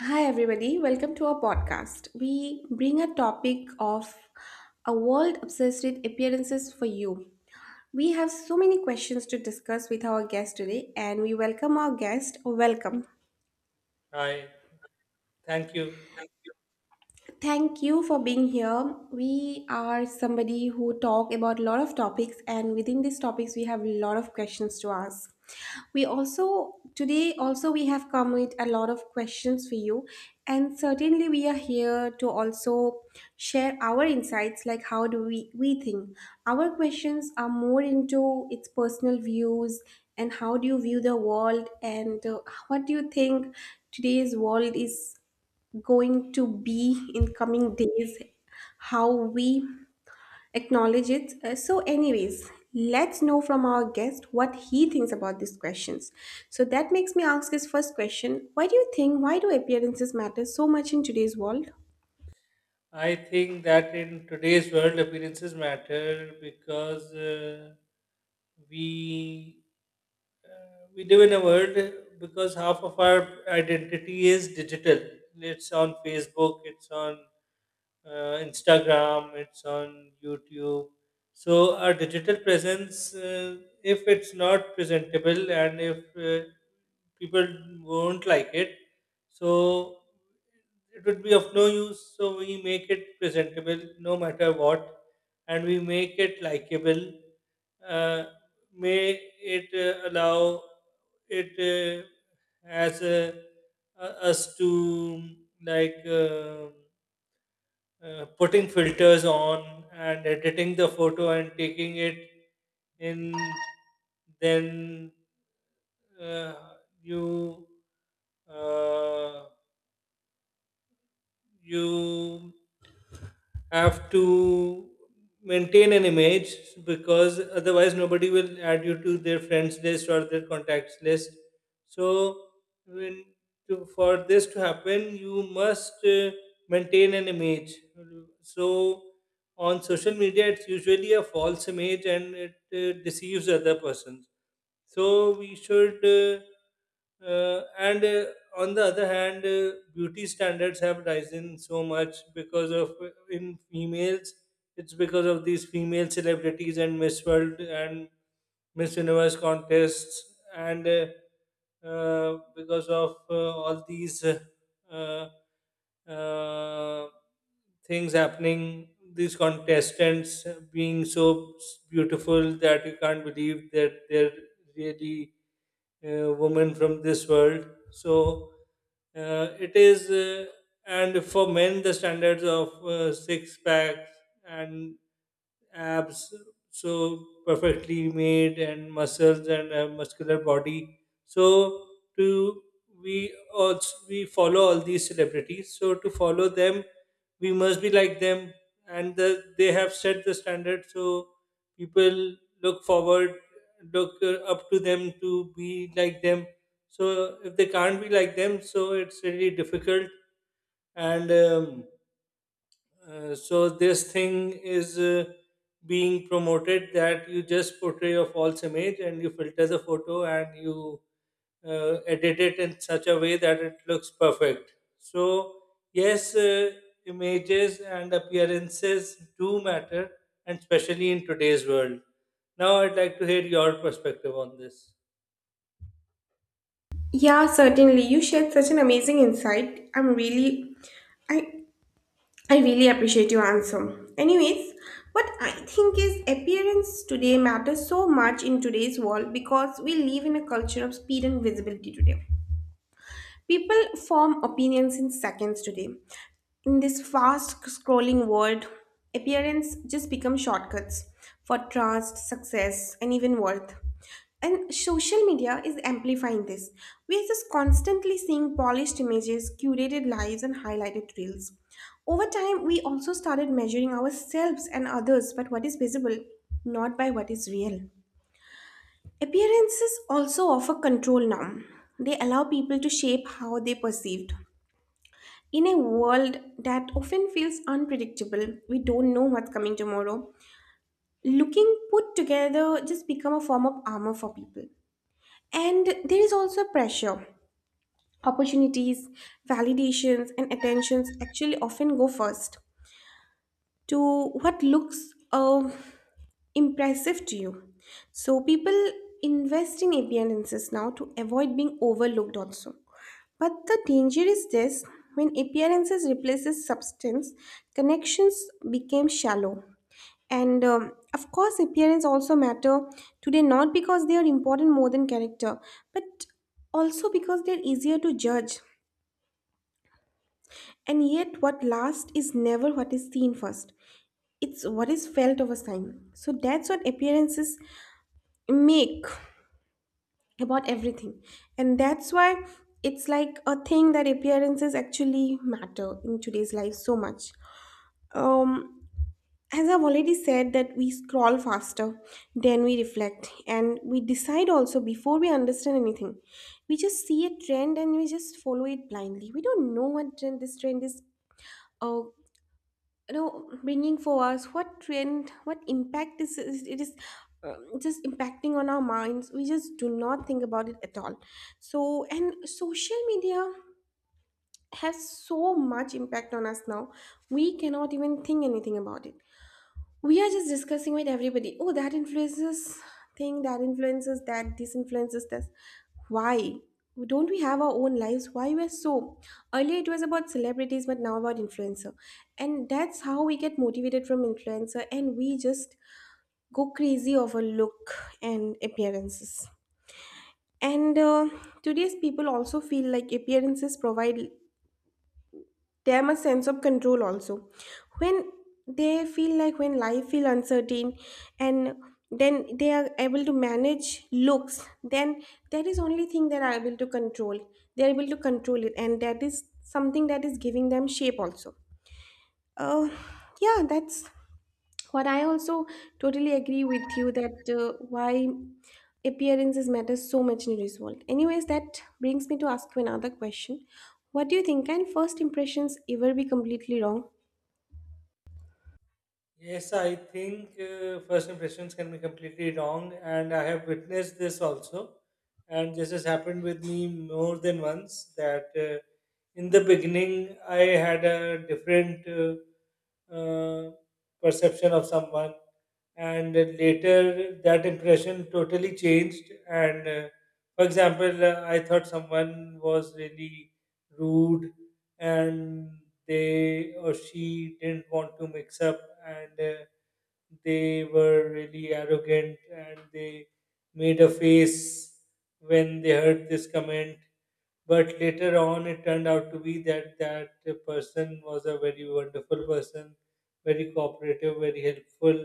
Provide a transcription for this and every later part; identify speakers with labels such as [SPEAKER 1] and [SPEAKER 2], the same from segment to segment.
[SPEAKER 1] Hi, everybody. Welcome to our podcast. We bring a topic of a world obsessed with appearances for you. We have so many questions to discuss with our guest today, and we welcome our guest. Welcome.
[SPEAKER 2] Hi, thank you.
[SPEAKER 1] Thank you for being here. We are somebody who talk about a lot of topics, and within these topics we have a lot of questions to ask. We also today also we have come with a lot of questions for you, and certainly we are here to also share our insights, like how do we think. Our questions are more into its personal views and how do you view the world and what do you think today's world is going to be in coming days, how we acknowledge it. So, anyways, let's know from our guest what he thinks about these questions. So that makes me ask his first question. Why do appearances matter so much in today's world?
[SPEAKER 2] I think that in today's world, appearances matter because we we live in a world because half of our identity is digital. It's on Facebook. It's on Instagram, it's on YouTube. So our digital presence, if it's not presentable and if people won't like it, so it would be of no use. So we make it presentable no matter what, and we make it likable. Uh, may it allow it as a, us to like. um putting filters on and editing the photo and taking it in then uh, you uh, you have to maintain an image because otherwise nobody will add you to their friends list or their contacts list. So when for this to happen you must maintain an image. So on social media it's usually a false image and it deceives other persons. So we should, and on the other hand, beauty standards have risen so much because of in females. It's because of these female celebrities and Miss World and Miss Universe contests, and because of all these uh, uh, things happening, these contestants being so beautiful that you can't believe that they're really woman from this world. So it is, and for men, the standards of six packs and abs so perfectly made and muscles and a muscular body, so to we also we follow all these celebrities, so to follow them we must be like them, and they have set the standard. So people look forward look up to them to be like them, so if they can't be like them, so it's really difficult. And um, uh, so this thing is being promoted that you just portray a false image and you filter the photo and you edit it in such a way that it looks perfect. So yes, images and appearances do matter, and especially in today's world. Now I'd like to hear your perspective on this.
[SPEAKER 1] Yeah, certainly. You shared such an amazing insight. I I really appreciate your answer. Anyways, what I think is appearance today matters so much in today's world because we live in a culture of speed and visibility today. People form opinions in seconds today. In this fast scrolling world, appearance just becomes shortcuts for trust, success, and even worth. And social media is amplifying this. We are just constantly seeing polished images, curated lives, and highlighted reels. Over time, we also started measuring ourselves and others by what is visible, not by what is real. Appearances also offer control now. They allow people to shape how they perceived. In a world that often feels unpredictable, we don't know what's coming tomorrow. Looking put together just become a form of armor for people. And there is also pressure. Opportunities, validations, and attentions actually often go first to what looks impressive to you. So people invest in appearances now to avoid being overlooked also. But the danger is this: when appearances replaces substance, connections became shallow. And of course, appearance also matter today, not because they are important more than character, but also because they're easier to judge. And yet, what lasts is never what is seen first. It's what is felt over time. So that's what appearances make about everything, and that's why it's like a thing that appearances actually matter in today's life so much. um as I've already said, that we scroll faster than we reflect, and we decide also before we understand anything. We just see a trend and we just follow it blindly. We don't know what trend this trend is uh, you know bringing for us, what trend, what impact it is just impacting on our minds. We just do not think about it at all. So and social media has so much impact on us now, we cannot even think anything about it. We are just discussing with everybody, oh that influences thing, that influences that, this influences this. Why don't we have our own lives? Why we're so, earlier it was about celebrities, but now about influencer. And that's how we get motivated from influencer, and we just go crazy over look and appearances. And today's people also feel like appearances provide, they have a sense of control also. When they feel like, when life feel uncertain, and then they are able to manage looks, then that is only thing they are able to control. They are able to control it, and that is something that is giving them shape also. uh, yeah, that's what I also totally agree with you, that why appearances matter so much in result. Anyways, that brings me to ask you another question. What do you think? Can first impressions ever be completely wrong?
[SPEAKER 2] Yes, I think first impressions can be completely wrong, and I have witnessed this also. And this has happened with me more than once that in the beginning I had a different perception of someone, and later that impression totally changed. And for example, I thought someone was really rude and they or she didn't want to mix up, and they were really arrogant and they made a face when they heard this comment. But later on it turned out to be that that person was a very wonderful person, very cooperative, very helpful,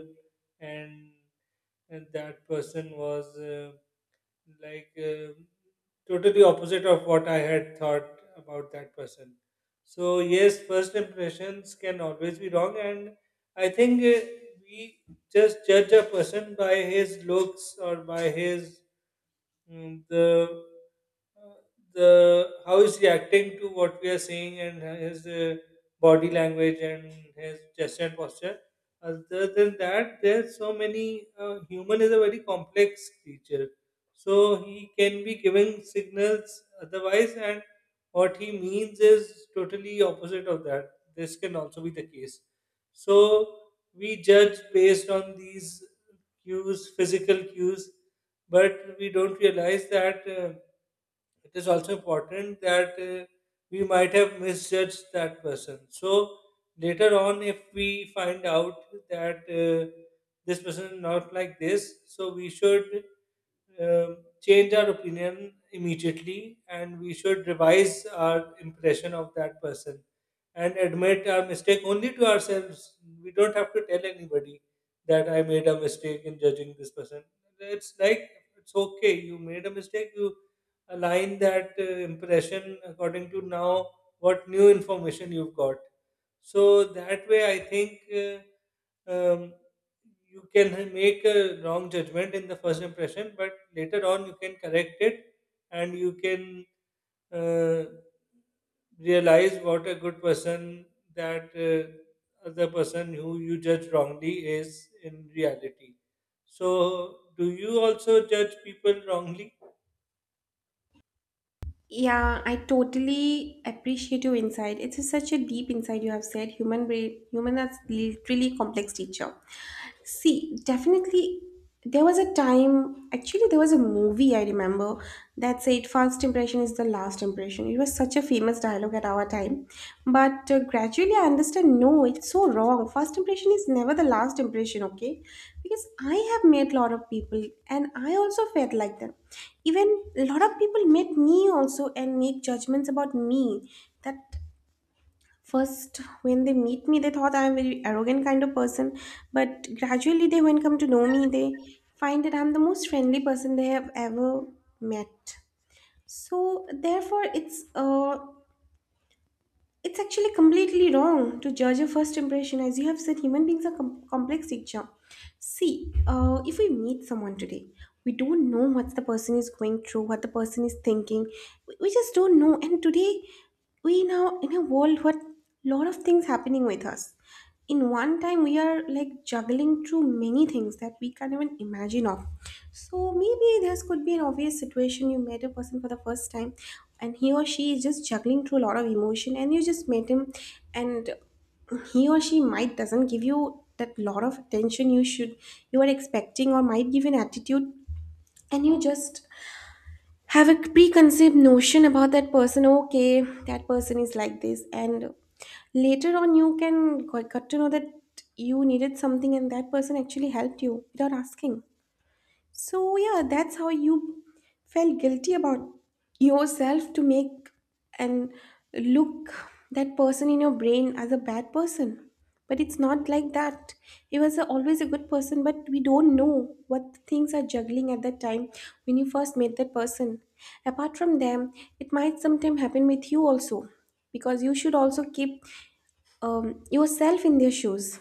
[SPEAKER 2] and, and that person was like um totally opposite of what I had thought about that person. So yes, first impressions can always be wrong, and I think we just judge a person by his looks or by his Mm, the uh, the how he's reacting to what we are saying and his body language and his gesture and posture. Other than that, there's so many. Human is a very complex creature, so he can be giving signals otherwise, and what he means is totally opposite of that. This can also be the case. So we judge based on these cues, physical cues, but we don't realize that it is also important that we might have misjudged that person. So later on, if we find out that this person is not like this, so we should change our opinion immediately and we should revise our impression of that person and admit our mistake only to ourselves. We don't have to tell anybody that I made a mistake in judging this person. It's like it's okay, you made a mistake, you align that impression according to now what new information you've got. So that way I think um, you can make a wrong judgment in the first impression but later on you can correct it, and you can uh, realize what a good person that other person who you judge wrongly is in reality. So, do you also judge people wrongly?
[SPEAKER 1] Yeah, I totally appreciate your insight. Such a deep insight you have said. Human brain, human, that's literally complex teacher. See, definitely there was a time, actually there was a movie I remember that said, "First impression is the last impression." It was such a famous dialogue at our time. But gradually I understand, no, it's so wrong. First impression is never the last impression, okay? Because I have met a lot of people, and I also felt like them. Even a lot of people met me also and make judgments about me, that first when they meet me they thought I'm a very arrogant kind of person, but gradually they, when come to know me, they find that I'm the most friendly person they have ever met. So therefore it's actually completely wrong to judge a first impression. As you have said, human beings are complex creature. See, if we meet someone today, we don't know what the person is going through, what the person is thinking. We just don't know. And today, we now in a world what lot of things happening with us. In one time, we are like juggling through many things that we can't even imagine of. So maybe this could be an obvious situation. You met a person for the first time, and he or she is just juggling through a lot of emotion, and you just met him, and he or she might doesn't give you that lot of attention, you should, you are expecting, or might give an attitude, and you just have a preconceived notion about that person, okay, that person is like this. And later on you can got to know that you needed something and that person actually helped you without asking. So, yeah, that's how you felt guilty about yourself to make and look that person in your brain as a bad person. But it's not like that. He was a, always a good person, but we don't know what things are juggling at that time when you first met that person. Apart from them, it might sometime happen with you also, because you should also keep yourself in their shoes,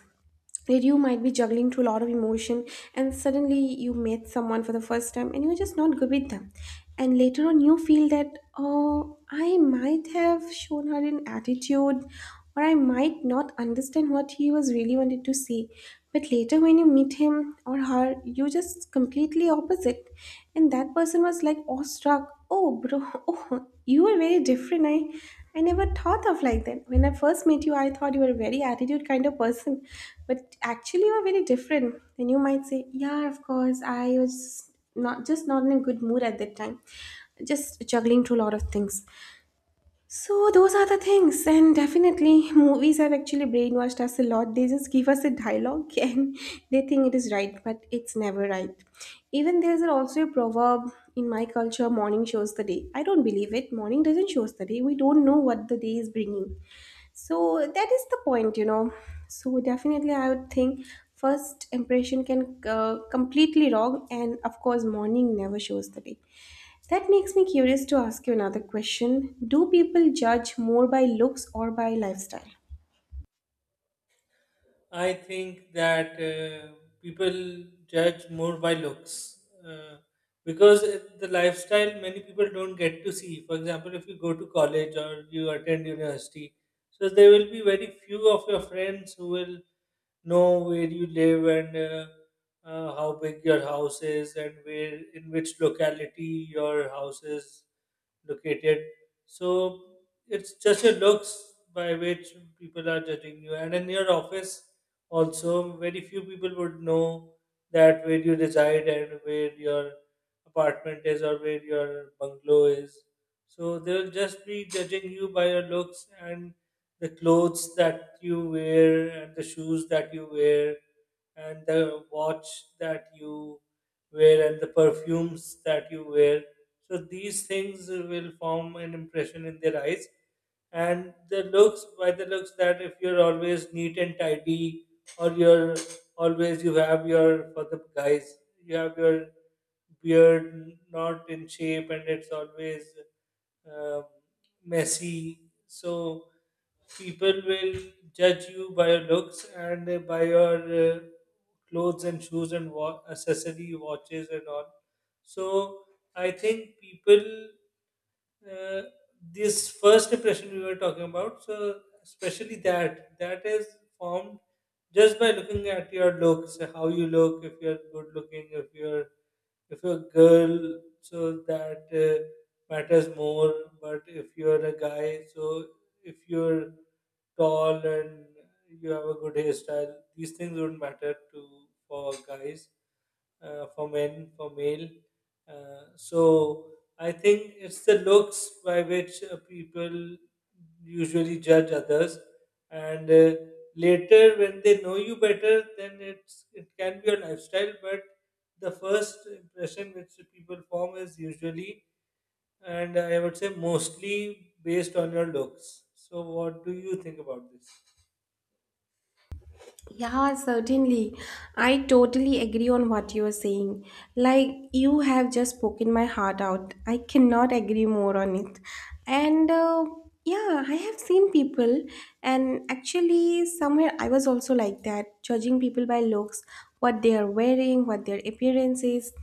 [SPEAKER 1] where you might be juggling through a lot of emotion and suddenly you met someone for the first time and you're just not good with them. And later on you feel that, oh, I might have shown her an attitude, or I might not understand what he was really wanted to say. But later when you meet him or her, you just completely opposite, and that person was like awestruck, oh bro, oh you are very different. I never thought of like that. When I first met you, I thought you were a very attitude kind of person, but actually you are very different. And you might say, yeah, of course, I was not just not in a good mood at that time, just juggling through a lot of things. So those are the things, and definitely movies have actually brainwashed us a lot. They just give us a dialogue and they think it is right, but it's never right. Even there's also a proverb in my culture: morning shows the day. I don't believe it. Morning doesn't shows the day. We don't know what the day is bringing. So that is the point, you know. So definitely I would think first impression can completely wrong, and of course morning never shows the day. That makes me curious to ask you another question: do people judge more by looks or by lifestyle?
[SPEAKER 2] I think that people judge more by looks because the lifestyle many people don't get to see. For example, if you go to college or you attend university, so there will be very few of your friends who will know where you live and how big your house is and where in which locality your house is located. So it's just your looks by which people are judging you. And in your office, also, very few people would know that where you reside and where your apartment is or where your bungalow is. So they'll just be judging you by your looks and the clothes that you wear and the shoes that you wear and the watch that you wear and the perfumes that you wear. So these things will form an impression in their eyes. And the looks, by the looks, that if you're always neat and tidy, or you're always, you have your, for the guys, you have your beard not in shape and it's always um messy. So people will judge you by your looks and by your clothes and shoes and accessory watches and all. So I think people, uh, this first impression we were talking about, so especially that that is formed just by looking at your looks, how you look. If you're good looking, if you're a girl, so that matters more. But if you're a guy, so if you're tall and you have a good hairstyle, these things don't matter to for guys, for men, for male, so I think it's the looks by which people usually judge others. And later when they know you better, then it's it can be a lifestyle, but the first impression which the people form is usually, and I would say mostly, based on your looks. So, what do you think about this?
[SPEAKER 1] Yeah, certainly. I totally agree on what you are saying. Like, you have just spoken my heart out. I cannot agree more on it. And yeah, I have seen people, and actually, somewhere I was also like that, judging people by looks, what they are wearing, what their appearance is,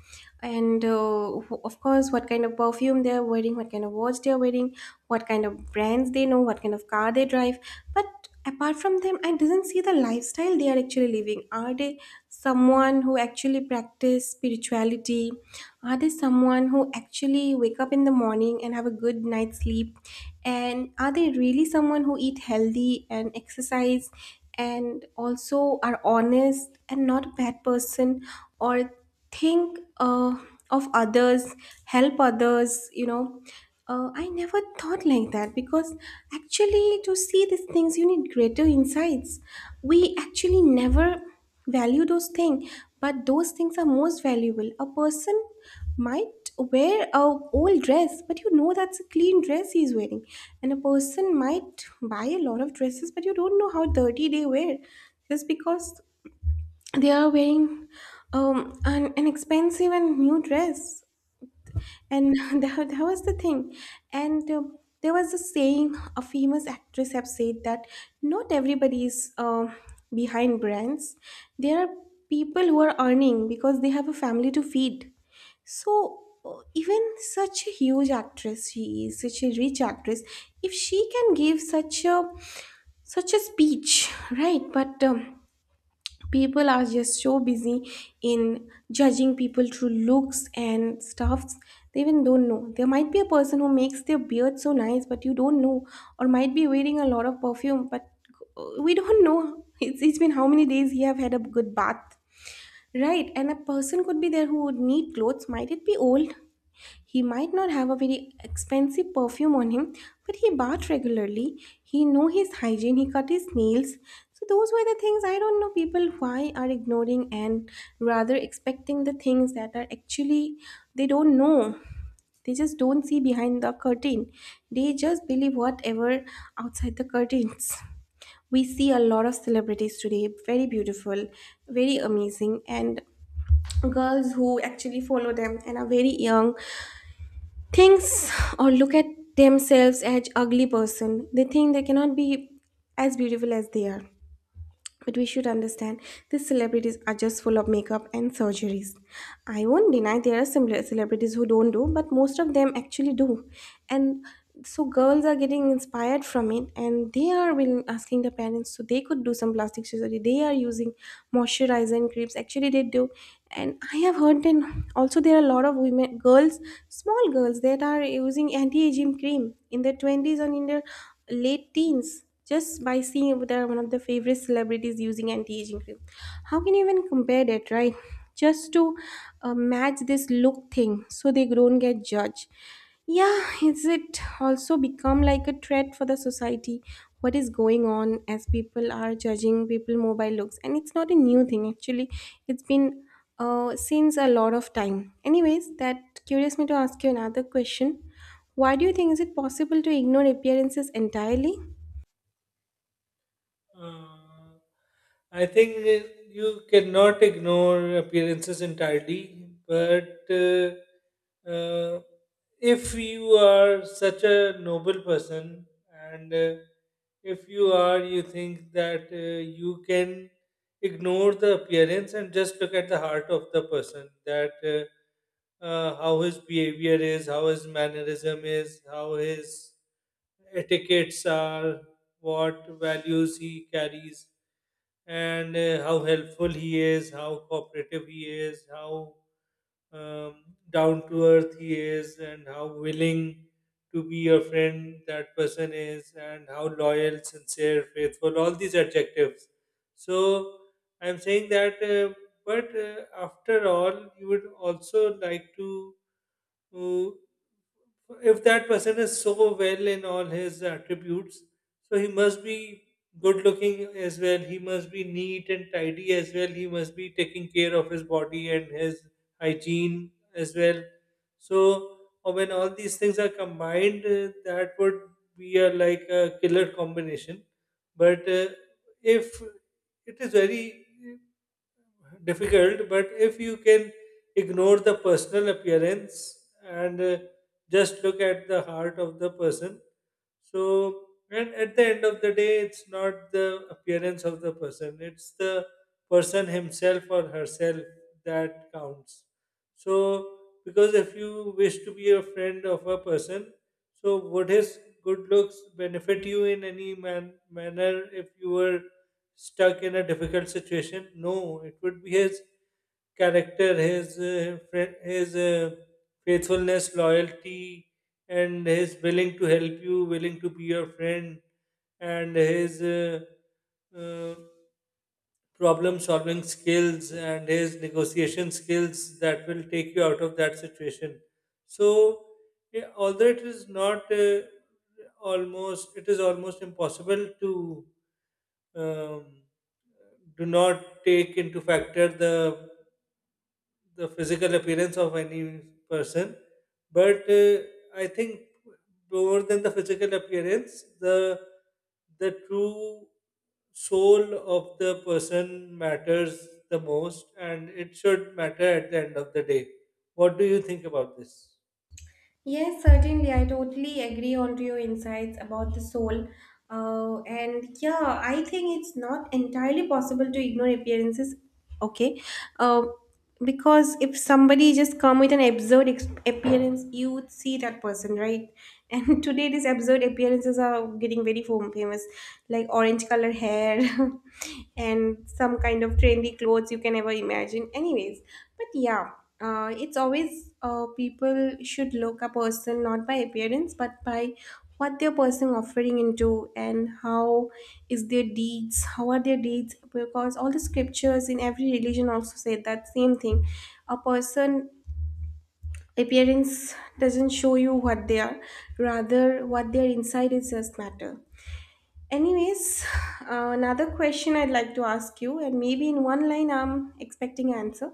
[SPEAKER 1] and of course, what kind of perfume they are wearing, what kind of watch they are wearing, what kind of brands they know, what kind of car they drive. But apart from them, I doesn't see the lifestyle they are actually living. Are they someone who actually practice spirituality? Are they someone who actually wake up in the morning and have a good night's sleep, and are they really someone who eat healthy and exercise and also are honest and not a bad person, or think of others, help others. I never thought like that, because actually to see these things you need greater insights. We actually never value those things, but those things are most valuable. A person might wear a old dress, but you know that's a clean dress he's wearing. And a person might buy a lot of dresses, but you don't know how dirty they wear, just because they are wearing an expensive and new dress. And that was the thing. And there was a saying a famous actress have said that not everybody is behind brands. There are people who are earning because they have a family to feed. So even such a huge actress, she is such a rich actress, if she can give such a such a speech, right? But people are just so busy in judging people through looks and stuffs. They even don't know there might be a person who makes their beard so nice, but you don't know, or might be wearing a lot of perfume, but we don't know it's been how many days he have had a good bath, right? And a person could be there who would need clothes, might it be old. He might not have a very expensive perfume on him, but he bath regularly. He know his hygiene. He cut his nails. So those were the things I don't know people why are ignoring, and rather expecting the things that are actually they don't know. They just don't see behind the curtain. They just believe whatever outside the curtains. We see a lot of celebrities today, very beautiful, very amazing, and girls who actually follow them and are very young thinks or look at themselves as ugly person, they think they cannot be as beautiful as they are. But we should understand these celebrities are just full of makeup and surgeries. I won't deny there are similar celebrities who don't do, but most of them actually do. And so girls are getting inspired from it, and they are asking the parents so they could do some plastic surgery. They are using moisturizer and creams. Actually they do. And I have heard then also there are a lot of women girls, small girls that are using anti-aging cream in their twenties and in their late teens, just by seeing that one of the favorite celebrities using anti-aging cream. How can you even compare that, right? Just to match this look thing so they don't get judged. Yeah, is it also become like a threat for the society, what is going on, as people are judging people more by looks. And it's not a new thing, actually, it's been since a lot of time anyways. That curious me to ask you another question. Why do you think, is it possible to ignore appearances entirely?
[SPEAKER 2] Uh, I think you cannot ignore appearances entirely, but uh, if you are such a noble person and if you are, you think that you can ignore the appearance and just look at the heart of the person, that how his behavior is, how his mannerism is, how his etiquettes are, what values he carries, and how helpful he is, how cooperative he is, how um, down to earth he is, and how willing to be your friend that person is, and how loyal, sincere, faithful, all these adjectives. So I'm saying that, but after all, you would also like to who- if that person is so well in all his attributes, so he must be good looking as well. He must be neat and tidy as well. He must be taking care of his body and his hygiene as well. So when all these things are combined, that would be a like a killer combination. But if it is very difficult, but if you can ignore the personal appearance and just look at the heart of the person, so, and at the end of the day, it's not the appearance of the person, it's the person himself or herself that counts. So, because if you wish to be a friend of a person, so would his good looks benefit you in any manner if you were stuck in a difficult situation? No, it would be his character, his faithfulness, loyalty, and his willing to help you, willing to be your friend, and his uh, problem solving skills and his negotiation skills that will take you out of that situation. So, although it is not it is almost impossible to um, do not take into factor the physical appearance of any person, but I think more than the physical appearance, the true soul of the person matters the most, and it should matter at the end of the day. What do you think about this?
[SPEAKER 1] Yes, certainly. I totally agree on to your insights about the soul. And yeah, I think it's not entirely possible to ignore appearances. Okay. Uh, because if somebody just come with an absurd appearance, you would see that person, right? And today these absurd appearances are getting very famous, like orange color hair, and some kind of trendy clothes you can ever imagine. Anyways, but yeah, it's always people should look a person not by appearance but by what their person offering into, and how is their deeds, how are their deeds, because all the scriptures in every religion also say that same thing. A person appearance doesn't show you what they are, rather what their inside is just matter. Anyways, another question I'd like to ask you, and maybe in one line I'm expecting an answer.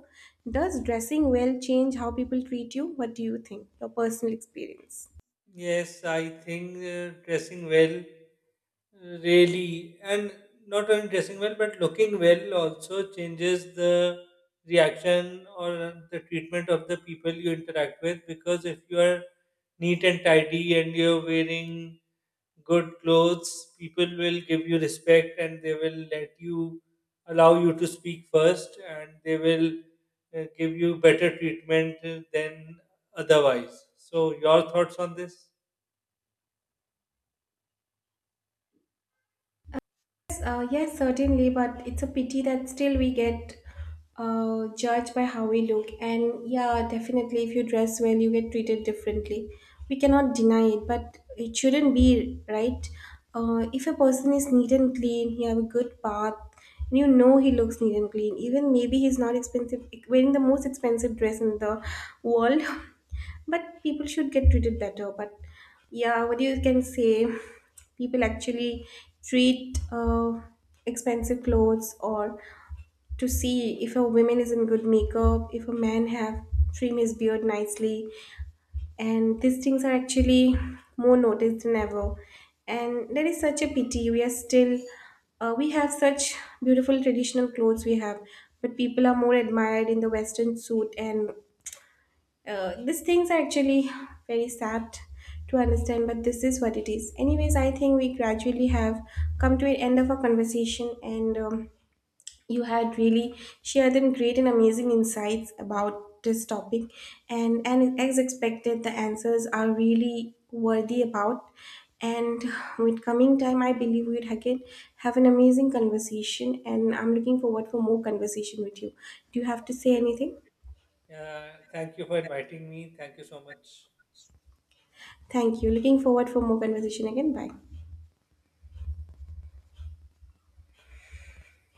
[SPEAKER 1] Does dressing well change how people treat you? What do you think? Your personal experience.
[SPEAKER 2] Yes, I think dressing well really, and not only dressing well, but looking well also changes the reaction or the treatment of the people you interact with. Because if you are neat and tidy and you're wearing good clothes, people will give you respect and they will let you allow you to speak first and they will give you better treatment than otherwise. So, your thoughts on this?
[SPEAKER 1] Yes, yes, certainly, but it's a pity that still we get judged by how we look. And yeah, definitely, if you dress well, you get treated differently. We cannot deny it, but it shouldn't be, right? If a person is neat and clean, he have a good bath, and you know he looks neat and clean. Even maybe he's not expensive, wearing the most expensive dress in the world, but people should get treated better. But yeah, what you can say, people actually treat expensive clothes, or to see if a woman is in good makeup, if a man have trim his beard nicely, and these things are actually more noticed than ever. And that is such a pity. We are still we have such beautiful traditional clothes we have, but people are more admired in the western suit. And these things are actually very sad to understand, but this is what it is. Anyways, I think we gradually have come to an end of our conversation. And you had really shared and great and amazing insights about this topic, and as expected the answers are really worthy about. And with coming time I believe we would again have an amazing conversation, and I'm looking forward for more conversation with you. Do you have to say anything?
[SPEAKER 2] Yeah, thank you for inviting me. Thank you so much.
[SPEAKER 1] Thank you. Looking forward for more conversation again. Bye.